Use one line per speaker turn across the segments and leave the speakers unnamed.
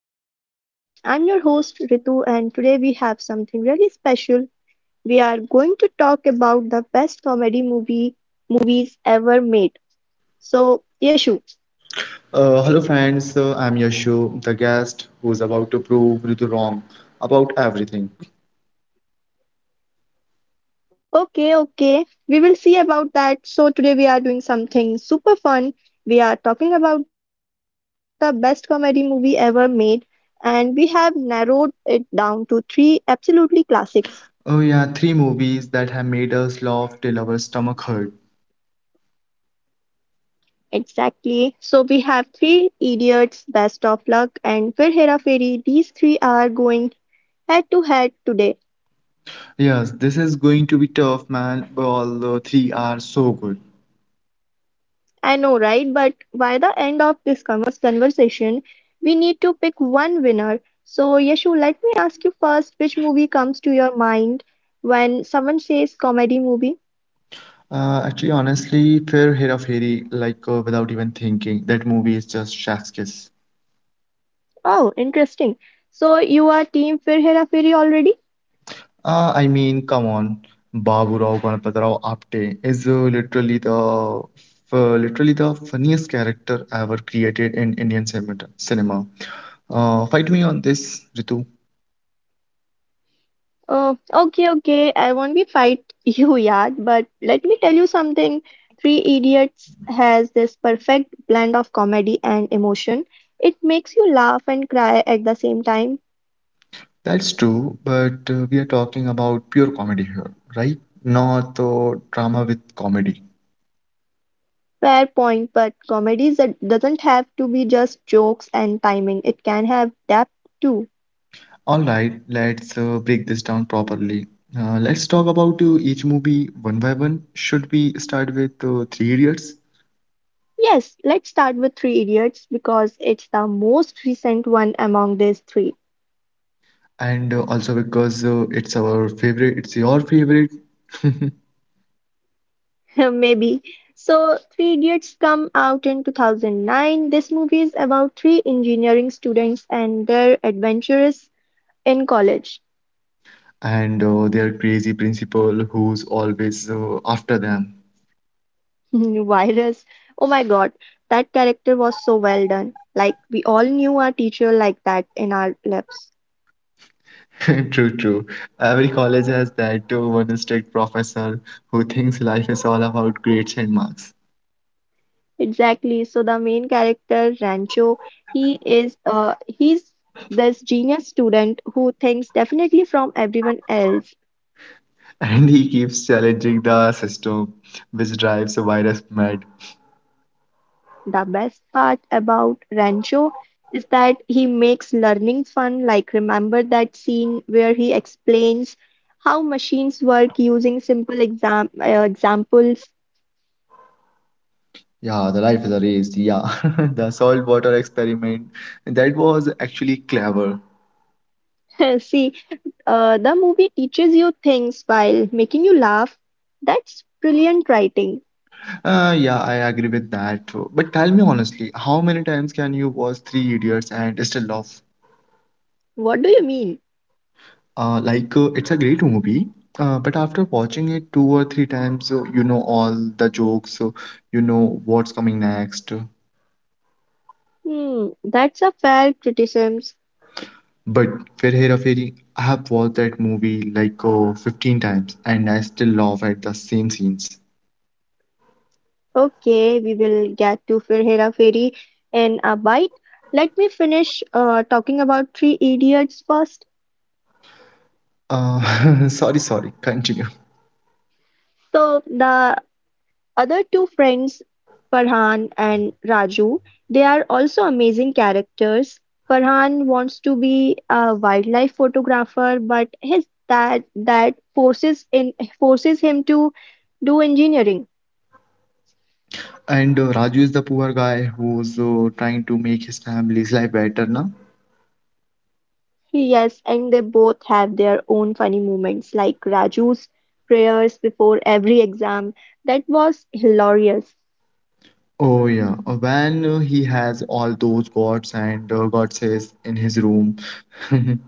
our podcast. I'm your host Ritu, and today we have something really special. We are going to talk about the best comedy movies ever made. So, Yeshu,
Hello, friends. So I'm Yashu, the guest who's about to prove Ritu wrong about everything.
okay, okay, we will see about that. So, today we are doing something super fun. We are talking about the best comedy movie ever made, and we have narrowed it down to three absolutely classics.
Oh, yeah, three movies that have made us laugh till our stomach hurt.
Exactly. So we have three idiots, best of luck, and Fir Hera Feri. These three are going head to head today.
Yes, this is going to be tough, man, but all the three are so good.
I know, right? But by the end of this conversation, we need to pick one winner. So, Yashu, let me ask you first which movie comes to your mind when someone says comedy movie?
Actually, honestly, Fair Hera Fairy, like without even thinking, that movie is just chef's kiss.
Oh, interesting. So, you are team Fir Hera Feri already?
I mean, come on, Baburao Ganapatirao Apte is literally the literally the funniest character ever created in Indian cinema. Fight me on this, Ritu.
Okay, okay, I won't be fight you, Yad, but let me tell you something. Three Idiots has this perfect blend of comedy and emotion. It makes you laugh and cry at the same time.
That's true, but we are talking about pure comedy here, right? Not drama with comedy.
Fair point, but doesn't have to be just jokes and timing. It can have depth too.
All right, let's break this down properly. Let's talk about each movie one by one. Should we start with Three Idiots?
Yes, let's start with Three Idiots because it's the most recent one among these three.
And also because it's our favorite, it's your favorite.
Maybe. So, Three Idiots come out in 2009. This movie is about three engineering students and their adventures in college.
And their crazy principal who's always after them.
Virus. Oh my God, that character was so well done. Like, we all knew our teacher like that in our lives.
True, true. Every college has that one strict professor who thinks life is all about grades and marks.
Exactly. So, the main character, Rancho, he's this genius student who thinks definitely from everyone else.
And he keeps challenging the system, which drives the virus mad.
The best part about Rancho is that he makes learning fun, like remember that scene where he explains how machines work using simple exam examples.
Yeah, the life is a race. Yeah, the salt water experiment, that was actually clever.
See, the movie teaches you things while making you laugh. That's brilliant writing.
Yeah, I agree with that. But tell me honestly, how many times can you watch Three Idiots and still laugh?
What do you mean?
Like, it's a great movie, but after watching it two or three times, you know all the jokes, you know what's coming next.
Hmm, that's a fair criticism.
But Fir Hera Fairy, I have watched that movie like 15 times and I still laugh at the same scenes.
Okay, we will get to Fir Hera Fairy in a bite. Let me finish talking about Three Idiots first.
Sorry, sorry, continue.
So the other two friends, Farhan and Raju, they are also amazing characters. Farhan wants to be a wildlife photographer, but his dad that forces in forces him to do engineering.
And Raju is the poor guy who's trying to make his family's life better, na?
Yes, and they both have their own funny moments, like Raju's prayers before every exam. That was hilarious.
Oh yeah. When he has all those gods and goddesses in his room,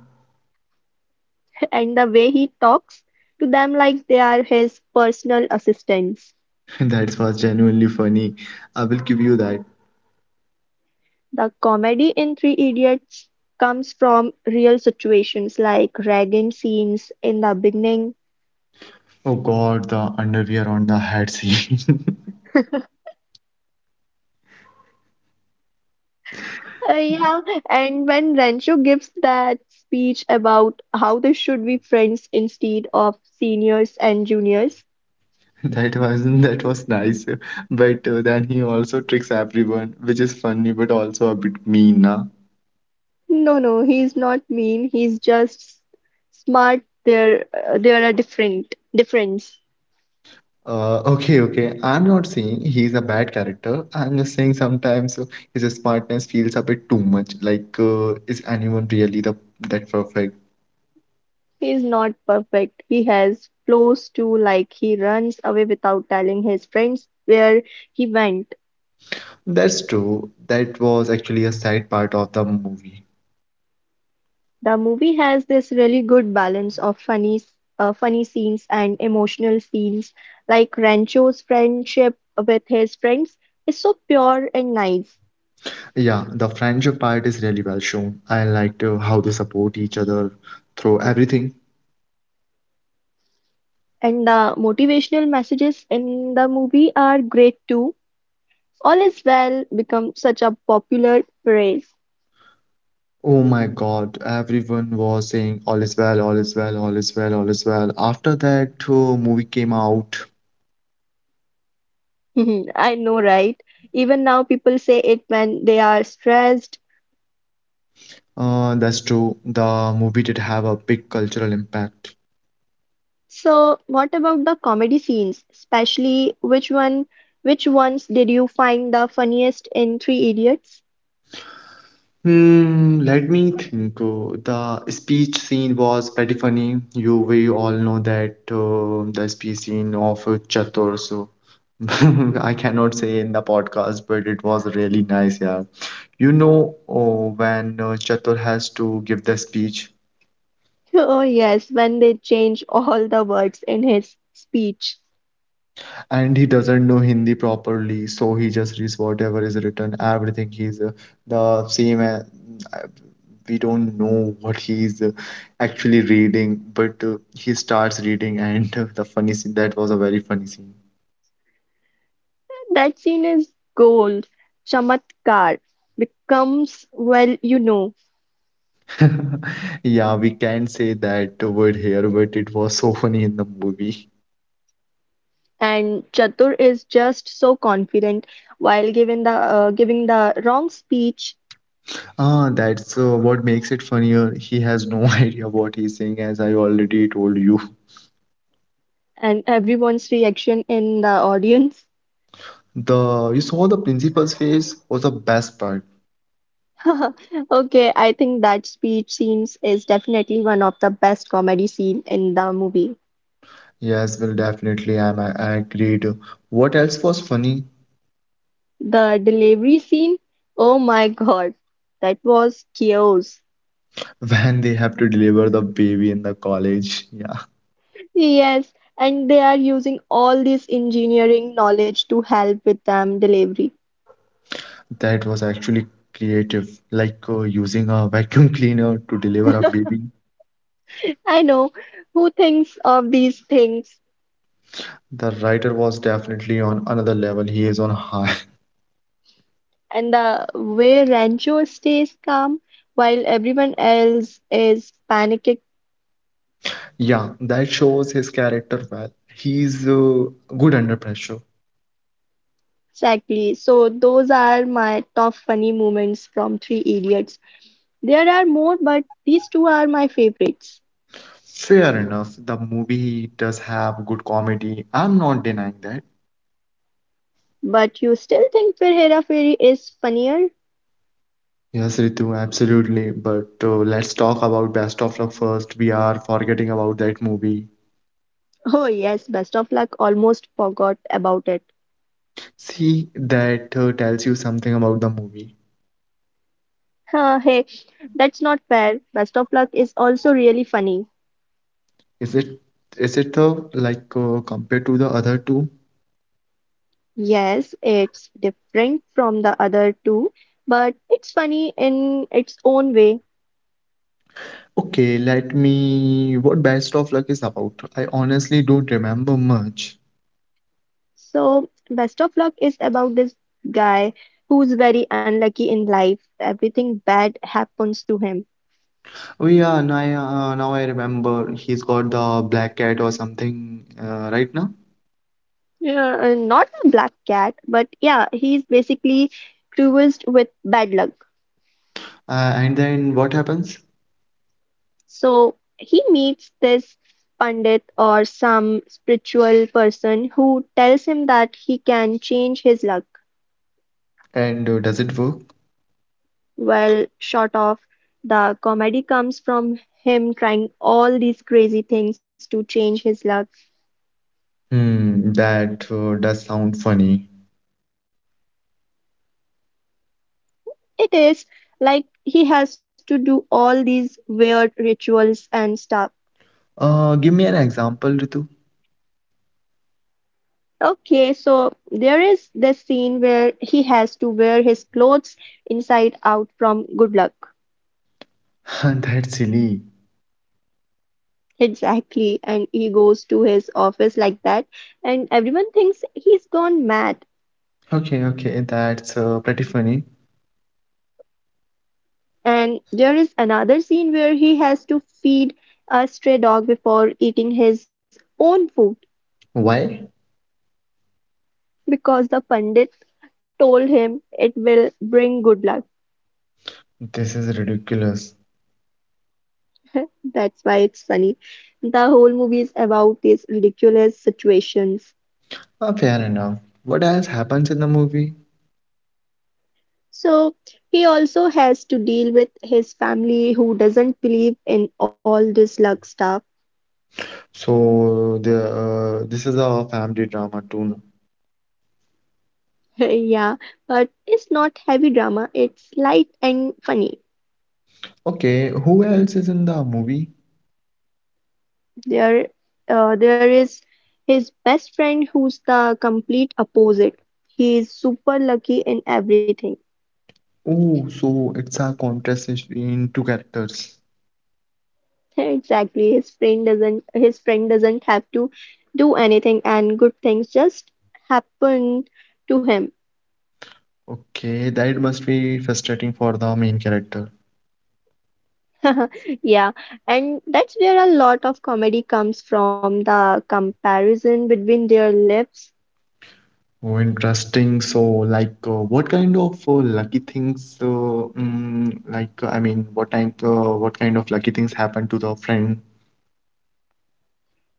And the way he talks to them like they are his personal assistants.
that was genuinely funny. I will give you that.
The comedy in Three Idiots comes from real situations like ragging scenes in the beginning.
Oh God, the underwear on the head scene.
Yeah, and when Rancho gives that speech about how they should be friends instead of seniors and juniors.
That was nice, but then he also tricks everyone, which is funny but also a bit mean, nah?
No, no, he's not mean. He's just smart. There are different difference.
Okay, okay. I'm not saying he's a bad character. I'm just saying sometimes his smartness feels a bit too much. Like, is anyone really the that perfect?
He's not perfect. He has flaws too, like he runs away without telling his friends where he went.
That's true. That was actually a sad part of the movie.
The movie has this really good balance of funny scenes and emotional scenes, like Rancho's friendship with his friends is so pure and nice.
Yeah, the friendship part is really well shown. I liked how they support each other through everything.
And the motivational messages in the movie are great too. All is well become such a popular phrase.
Oh my God, everyone was saying all is well, all is well, all is well, all is well after that movie came out.
I know, right? Even now, people say it when they are stressed.
That's true. The movie did have a big cultural impact.
So, what about the comedy scenes? Especially, which ones did you find the funniest in Three Idiots?
Hmm, let me think. The speech scene was pretty funny. We all know that the speech scene of Chatur. So I cannot say in the podcast, but it was really nice, yeah. You know, when Chatur has to give the speech,
Oh, yes, when they change all the words in his speech.
and he doesn't know Hindi properly, so he just reads whatever is written. Everything he's the same. We don't know what he's actually reading, but he starts reading, and the funny scene that was a very funny scene.
That scene is gold. Chamatkar becomes, well, you know.
Yeah, we can say that word here, but it was so funny in the movie.
And Chatur is just so confident while giving the wrong speech,
Ah, that's what makes it funnier. He has no idea what he's saying, as I already told you.
and everyone's reaction in the audience.
The you saw the principal's face was the best part.
Okay, I think that speech scenes is definitely one of the best comedy scene in the movie.
Yes, well, definitely, I agreed. What else was funny?
The delivery scene, oh my God, that was chaos.
When they have to deliver the baby in the college. Yeah,
Yes, and they are using all this engineering knowledge to help with them delivery.
that was actually creative, like using a vacuum cleaner to deliver a baby.
I know, who thinks of these things?
The writer was definitely on another level. He is on high.
And the way Rancho stays calm while everyone else is panicking.
Yeah, that shows his character well. He's good under pressure.
Exactly. So those are my top funny moments from Three Idiots. There are more, but these two are my favorites.
Fair enough. The movie does have good comedy. I'm not denying that.
But you still think Fir Hera Fairy is funnier?
Yes, Ritu, absolutely. But let's talk about Best of Luck first. We are forgetting about that movie.
Oh yes, Best of Luck, almost forgot about it.
See, that tells you something about the movie.
Huh, hey, that's not fair. Best of Luck is also really funny.
Is it is it compared to the other two?
Yes, it's different from the other two, but it's funny in its own way.
Okay, let me. What Best of Luck is about? I honestly don't remember much.
So, Best of Luck is about this guy who's very unlucky in life. Everything bad happens to him.
Oh yeah, now I remember. He's got the black cat or something right now.
Yeah, not a black cat, but yeah, he's basically cursed with bad luck.
And then what happens?
So, he meets this pundit or some spiritual person who tells him that he can change his luck.
And does it work?
Well, short of, the comedy comes from him trying all these crazy things to change his luck.
Hmm, that does sound funny.
It is like he has to do all these weird rituals and stuff.
Give me an example, Ritu.
Okay, so there is this scene where he has to wear his clothes inside out from good luck.
That's silly.
Exactly, and he goes to his office like that, and everyone thinks he's gone mad.
Okay, okay, that's pretty funny.
And there is another scene where he has to feed a stray dog before eating his own food
Why?
because the pandit told him it will bring good luck.
This is ridiculous.
That's why it's funny. The whole movie is about these ridiculous situations.
Fair enough. What else happens in the movie?
So he also has to deal with his family who doesn't believe in all this luck stuff.
So the this is a family drama too.
Yeah, but it's not heavy drama, it's light and funny.
Okay, who else is in the movie?
There, there is his best friend who's the complete opposite. He is super lucky in everything.
Oh, so it's a contest between two characters.
Exactly. His friend doesn't have to do anything and good things just happen to him.
Okay, that must be frustrating for the main character.
Yeah, and that's where a lot of comedy comes from, the comparison between their lives.
Oh, interesting. So, like, what kind of lucky things, mm, like, I mean, what time, what kind of lucky things happened to the friend?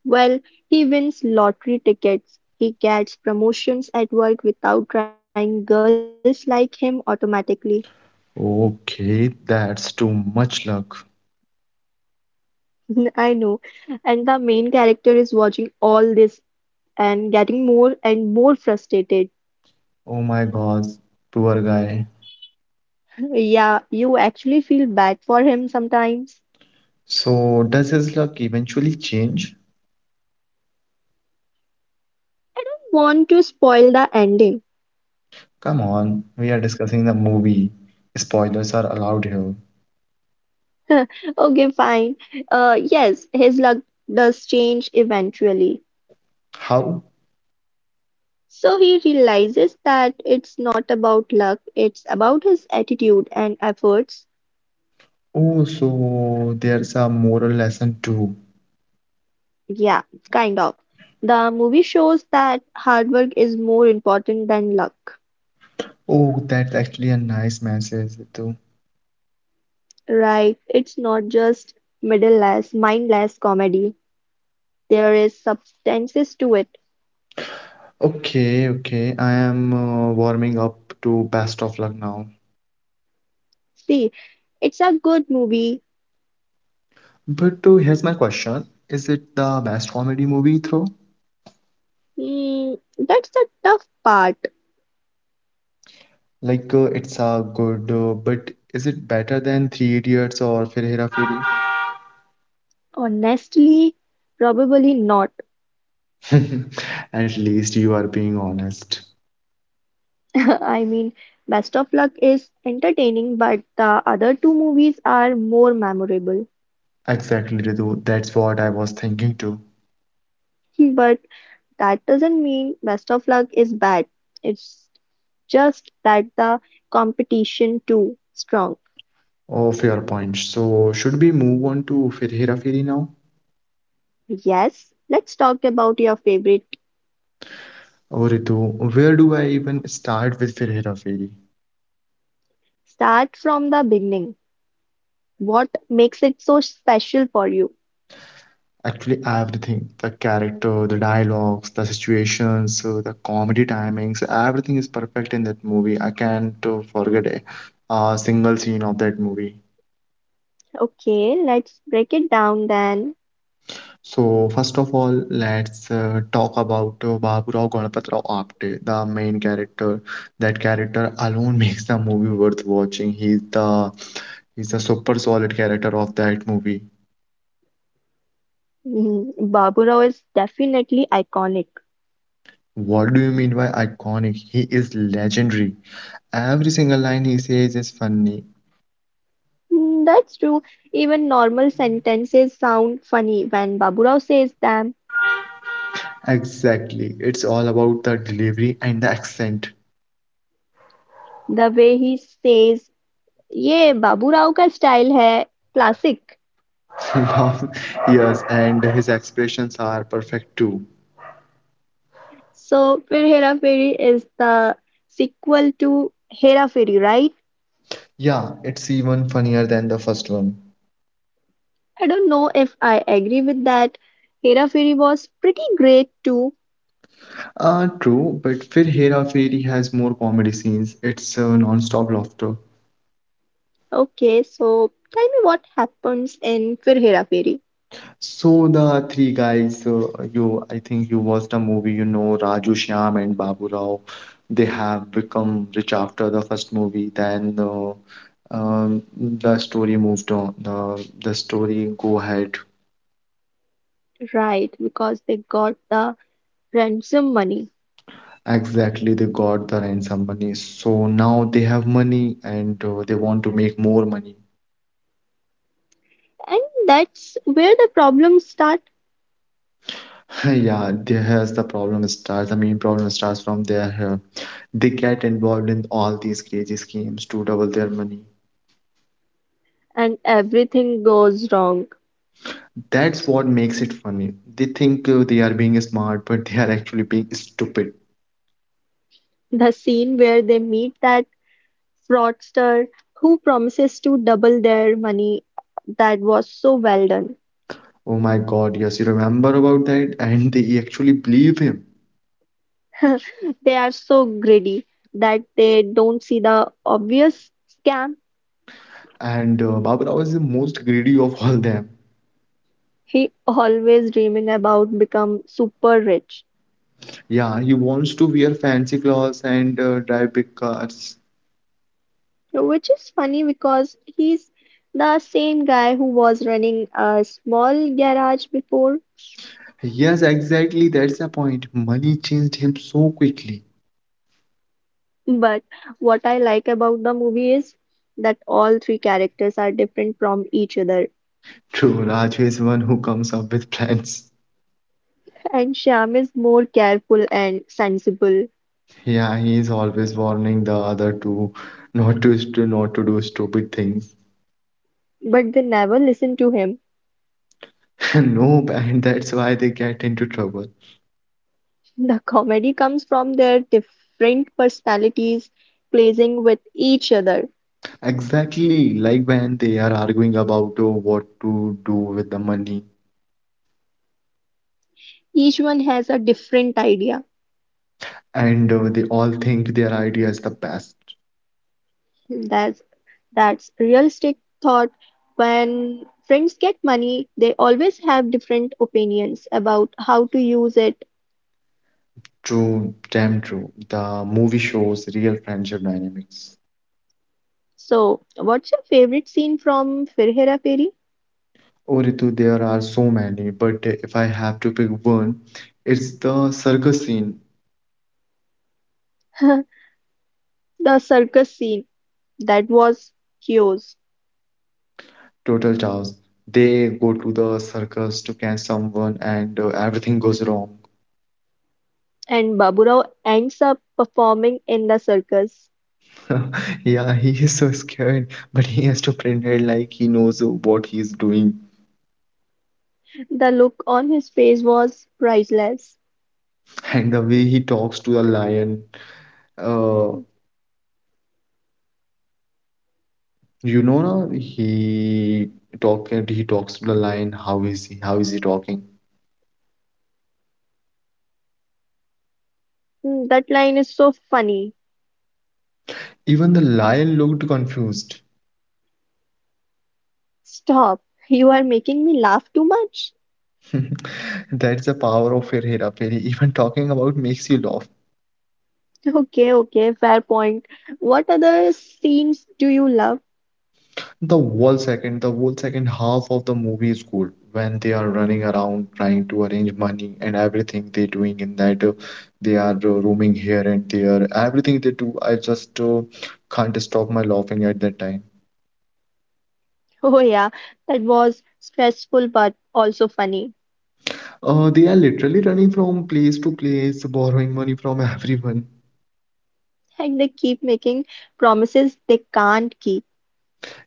Well, he wins lottery tickets. He gets promotions at work without trying. Girls like him automatically.
Okay, that's too much luck.
I know. And the main character is watching all this and getting more and more frustrated.
Oh my gosh, poor guy.
Yeah, you actually feel bad for him sometimes.
So, does his luck eventually change?
Want to spoil the ending.
Come on, we are discussing the movie. Spoilers are allowed here.
Okay, fine. Yes, his luck does change eventually.
How?
So he realizes that it's not about luck, it's about his attitude and efforts.
Oh, so there's a moral lesson too.
Yeah, kind of. The movie shows that hard work is more important than luck.
Oh, that's actually a nice message.
Right, it's not just mindless comedy. There is substances to it.
Okay, okay. I am warming up to Best of Luck now.
See, it's a good movie.
But here's my question. Is it the best comedy movie through?
Mm, that's the tough part.
Like, it's good, but is it better than Three Idiots or Fir Hera
Honestly, probably not.
Feri? At least you are being honest.
I mean, Best of Luck is entertaining, but the other two movies are more memorable.
Exactly, Ritu. That's what I was thinking too.
But that doesn't mean Best of Luck is bad. It's just that the competition too strong.
Oh, fair point. So should we move on to Fir Hera Feri now?
Yes, let's talk about your favorite.
Oh, Ritu, where do I even start with Fir Hera Feri?
Start from the beginning. What makes it so special for you?
Actually, everything, the character, the dialogues, the situations, so the comedy timings, everything is perfect in that movie. I can't a single scene of that movie.
Okay, let's break it down then.
So, first of all, let's talk about Baburao Ganapatrao Apte, the main character. That character alone makes the movie worth watching. He's a super solid character of that movie.
Mm, Baburao is definitely iconic.
What do you mean by iconic? He is legendary. Every single line he says is funny.
Mm, that's true. Even normal sentences sound funny when Baburao says them.
Exactly. It's all about the delivery and the accent.
The way he says, "ये बाबूराव का style है," classic.
Now, yes, and his expressions are perfect too.
So, फिर हेरा फेरी is the sequel to Hera Pheri, right?
Yeah, it's even funnier than the first one.
I don't know if I agree with that. Hera Fairy was pretty great too.
True, but Fir Hera Fairy has more comedy scenes. It's non-stop laughter.
Okay, so tell me what happens in Fir Hera Fairy.
So the three guys, you I think you watched the movie, you know, Raju Shyam and Babu Rao. They have become rich after the first movie. Then um, the story moved on. The story go ahead.
Right, because they got the ransom money.
Exactly, they got the ransom money. So now they have money and they want to make more money.
And that's where the problems start,
Yeah, there has the problem starts. The main problem starts from their they get involved in all these crazy schemes to double their money.
and everything goes wrong.
That's what makes it funny. They think they are being smart, but they are actually being stupid.
The scene where they meet that fraudster who promises to double their money, that was so well done.
Oh my God, yes, you remember about that? And they actually believe him.
They are so greedy that they don't see the obvious scam.
And Baburao is the most greedy of all them.
He always dreaming about become super rich,
Yeah, he wants to wear fancy clothes and drive big cars.
which is funny because he's the same guy who was running a small garage before.
Yes, exactly, that's the point. Money changed him so quickly.
But what I like about the movie is that all three characters are different from each other,
True, Raju is one who comes up with plans.
and Shyam is more careful and sensible,
Yeah, he is always warning the other two not to do stupid things.
but they never listen to him.
No, and that's why they get into trouble.
The comedy comes from their different personalities, playing with each other.
Exactly, like when they are arguing about what to do with the money,
Each one has a different idea.
and they all think their idea is the best.
That's that's realistic thought. When friends get money, they always have different opinions about how to use it.
True, damn true. The movie shows real friendship dynamics.
So, what's your favorite scene from Fir Hera Fairy?
Oh, Ritu, there are so many, but if I have to pick one, it's the circus scene,
The circus scene. That was Kyo's.
total chaos. They go to the circus to catch someone, and everything goes wrong.
And Baburao ends up performing in the circus.
Yeah, he is so scared, but he has to pretend like he knows what he's doing.
The look on his face was priceless.
And the way he talks to the lion, uh, you know, no? he talk and he talks to the lion. How is he? How is he talking?
Mm, that line is so funny.
Even the lion looked confused.
Stop. You are making me laugh too much.
That's the power of Fir Hera Feri. Even talking about makes you laugh.
Okay, okay, fair point. What other scenes do you love?
The whole second half of the movie is cool, when they are running around trying to arrange money and everything they're doing in that they are roaming here and there. Everything they do, I just can't stop my laughing at that time.
Oh yeah, that was stressful but also funny.
They are literally running from place to place, borrowing money from everyone.
And they keep making promises they can't keep,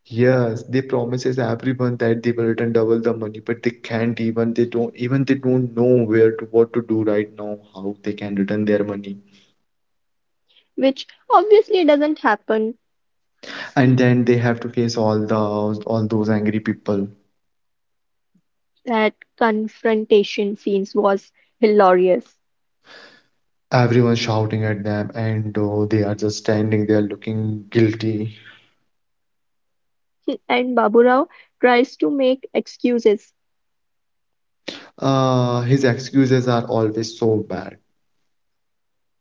Yes, they promises everyone that they will return double the money, but they can't even they don't know where to what to do right now, how they can return their money.
which obviously doesn't happen.
And then they have to face all those angry people,
That confrontation scenes was hilarious.
everyone shouting at them, and they are just standing there looking guilty.
And Baburao tries to make excuses,
His excuses are always so bad.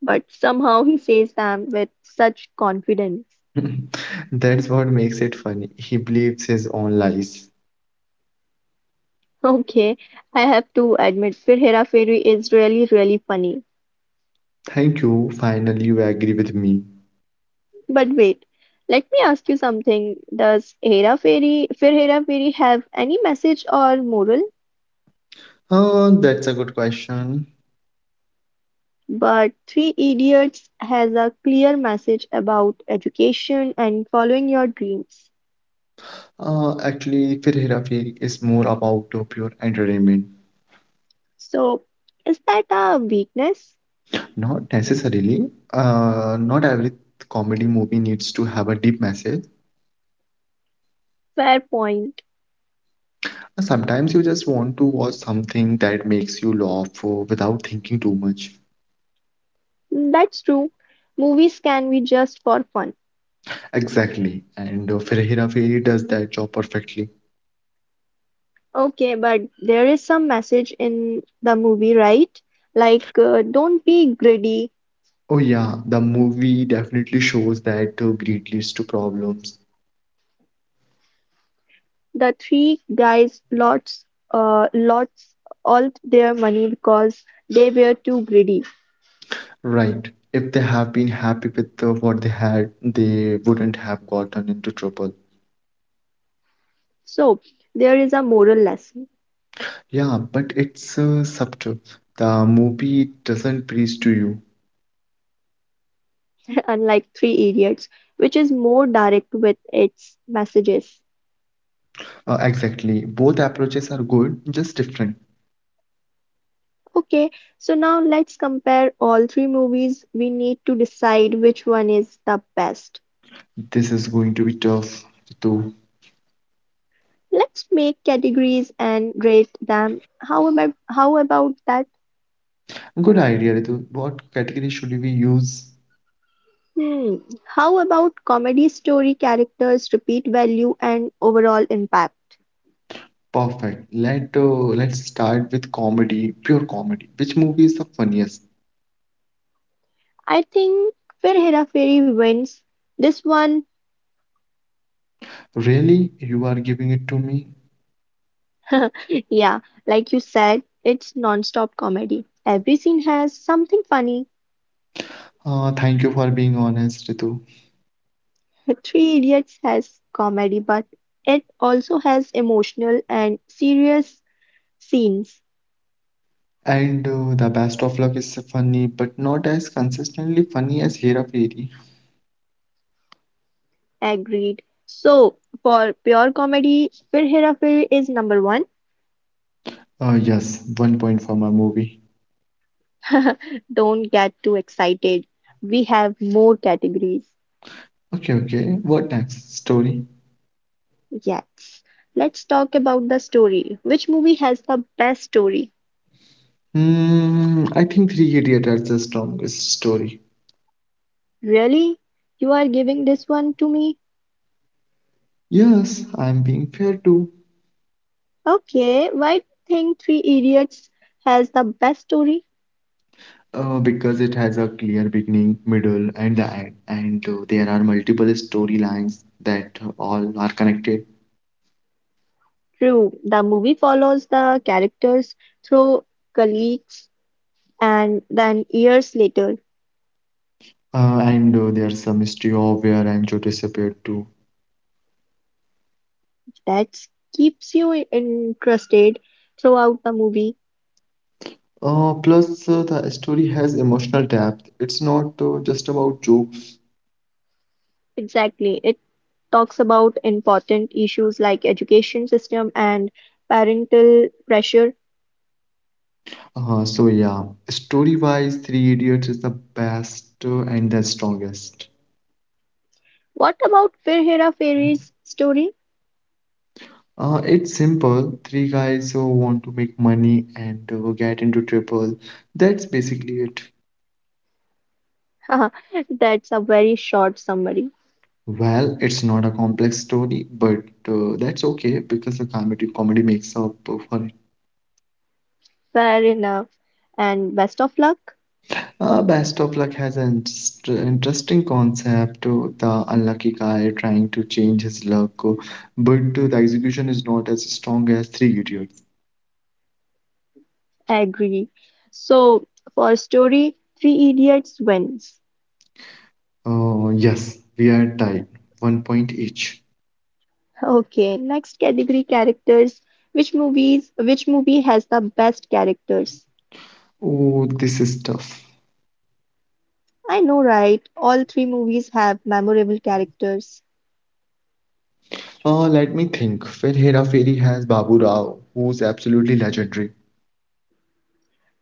but somehow he says them with such confidence.
That's what makes it funny. He believes his own lies.
Okay, I have to admit, Fir Hera Fairy is really, really funny.
Thank you, finally you agree with me.
But wait, let me ask you something. Does Fir Hera Fairy have any message or moral?
That's a good question.
But Three Idiots has a clear message about education and following your dreams.
Actually Fir Hera Feri is more about pure entertainment.
So, is that a weakness?
Not necessarily. Not every comedy movie needs to have a deep message.
Fair point.
Sometimes you just want to watch something that makes you laugh without thinking too much.
That's true. Movies can be just for fun.
Exactly. And Fir Hera Feri does that job perfectly.
Okay, but there is some message in the movie, right? Like, don't be greedy.
Oh, yeah, the movie definitely shows that greed leads to problems.
The three guys lost all their money because they were too greedy.
Right. If they have been happy with what they had, they wouldn't have gotten into trouble.
So, there is a moral lesson,
Yeah, but it's subtle. The movie doesn't preach to you.
unlike Three Idiots, which is more direct with its messages.
Exactly. Both approaches are good, just different.
Okay, so now let's compare all three movies. We need to decide which one is the best.
This is going to be tough to.
Let's make categories and rate them. How about that?
Good idea, Ritu. What category should we use?
Hmm. How about comedy story characters, repeat value, and overall impact?
Perfect. Let's start with comedy, pure comedy. Which movie is the funniest?
I think Fir Hera Fairy wins this one.
Really, you are giving it to me?
Yeah, like you said, it's non-stop comedy. Every scene has something funny.
Thank you for being honest, Ritu.
Three Idiots has comedy, but it also has emotional and serious scenes.
And the best of luck is funny, but not as consistently funny as Hera Fairy.
Agreed. So for pure comedy, Fir Hera Fairy is number one.
Yes, one point for my movie.
Don't get too excited. We have more categories.
Okay, okay. What next? Story.
Yes. Let's talk about the story. Which movie has the best story?
Hmm, I think Three Idiots is the strongest story.
Really? You are giving this one to me?
Yes, I'm being fair too.
Okay, why do you think Three Idiots has the best story?
Because it has a clear beginning, middle, and the end, and there are multiple storylines that all are connected.
True, the movie follows the characters through colleagues and then years later.
And there's some mystery of where Rancho disappeared too.
That keeps you interested throughout the movie.
Plus, the story has emotional depth. It's not just about jokes.
Exactly. It talks about important issues like education system and parental pressure.
So yeah, story-wise, Three Idiots is the best and the strongest.
What about Fir Hera Fairy's story?
It's simple. Three guys who want to make money and get into trouble. That's basically it.
That's a very short summary.
Well, it's not a complex story, but that's okay because the comedy makes up for it.
Fair enough. And best of luck.
Best of Luck has an interesting concept, the unlucky guy trying to change his luck, but the execution is not as strong as Three Idiots.
Agree. So for story, Three Idiots wins.
Oh, yes, we are tied, one point each.
Okay, next category characters. Which movie has the best characters?
Oh, this is tough.
I know, right? All three movies have memorable characters.
Let me think. Well, Hera Fairy has Babu Rao, who's absolutely legendary.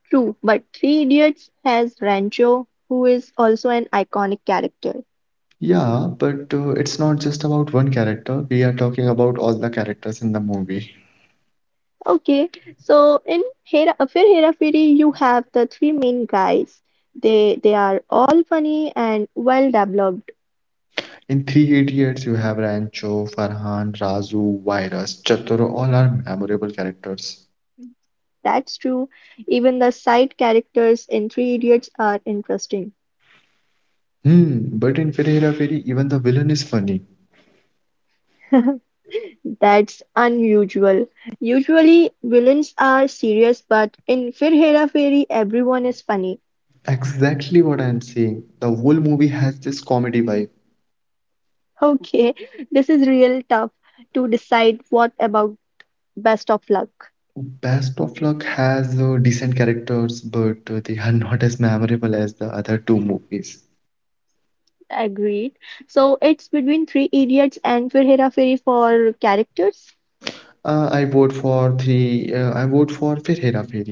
True, but Three Idiots has Rancho, who is also an iconic character.
Yeah, but it's not just about one character. We are talking about all the characters in the movie.
Okay, so in Fir Hera Feri, you have the three main guys. They are all funny and well developed.
In Three Idiots, you have Rancho, Farhan, Razu, Virus, Chatur, all are memorable characters.
That's true. Even the side characters in Three Idiots are interesting.
Hmm, but in Fir Hera Feri, even the villain is funny.
That's unusual. Usually villains are serious, but in Fir Hera Feri, everyone is funny.
Exactly what I'm saying. The whole movie has this comedy vibe.
Okay, this is real tough to decide. What about Best of luck.
Best of Luck has decent characters, but they are not as memorable as the other two movies.
Agreed. So it's between Three Idiots and Fir Hera Fairy for characters,
I vote for three. I vote for Fir Hera Feri.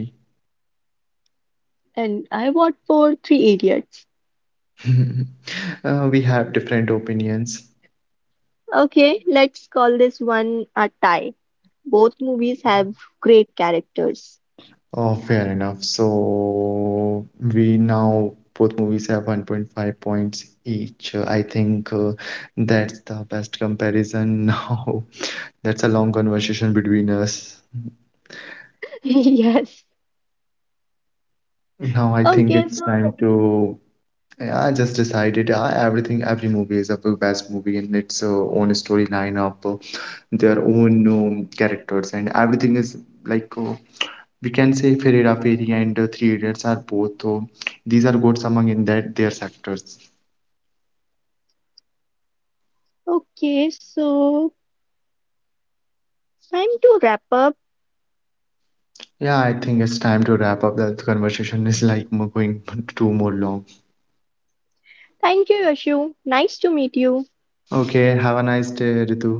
and I vote for Three Idiots.
We have different opinions.
Okay, let's call this one a tie. Both movies have great characters.
Oh, fair enough. So we now both movies have 1.5 points each. I think That's the best comparison now. That's a long conversation between us.
Yes.
Now I think
Okay,
it's time
so
to. Yeah, I just decided everything, every movie is a best movie and its own storyline, of their own characters, and everything is like we can say Ferreira Ferry and Three Idiots are both. So these are goats among in that their sectors.
okay, so it's time to wrap up.
Yeah, I think it's time to wrap up. The conversation is like going too more long.
Thank you, Yashu. Nice to meet you.
Okay, have a nice day, Ritu.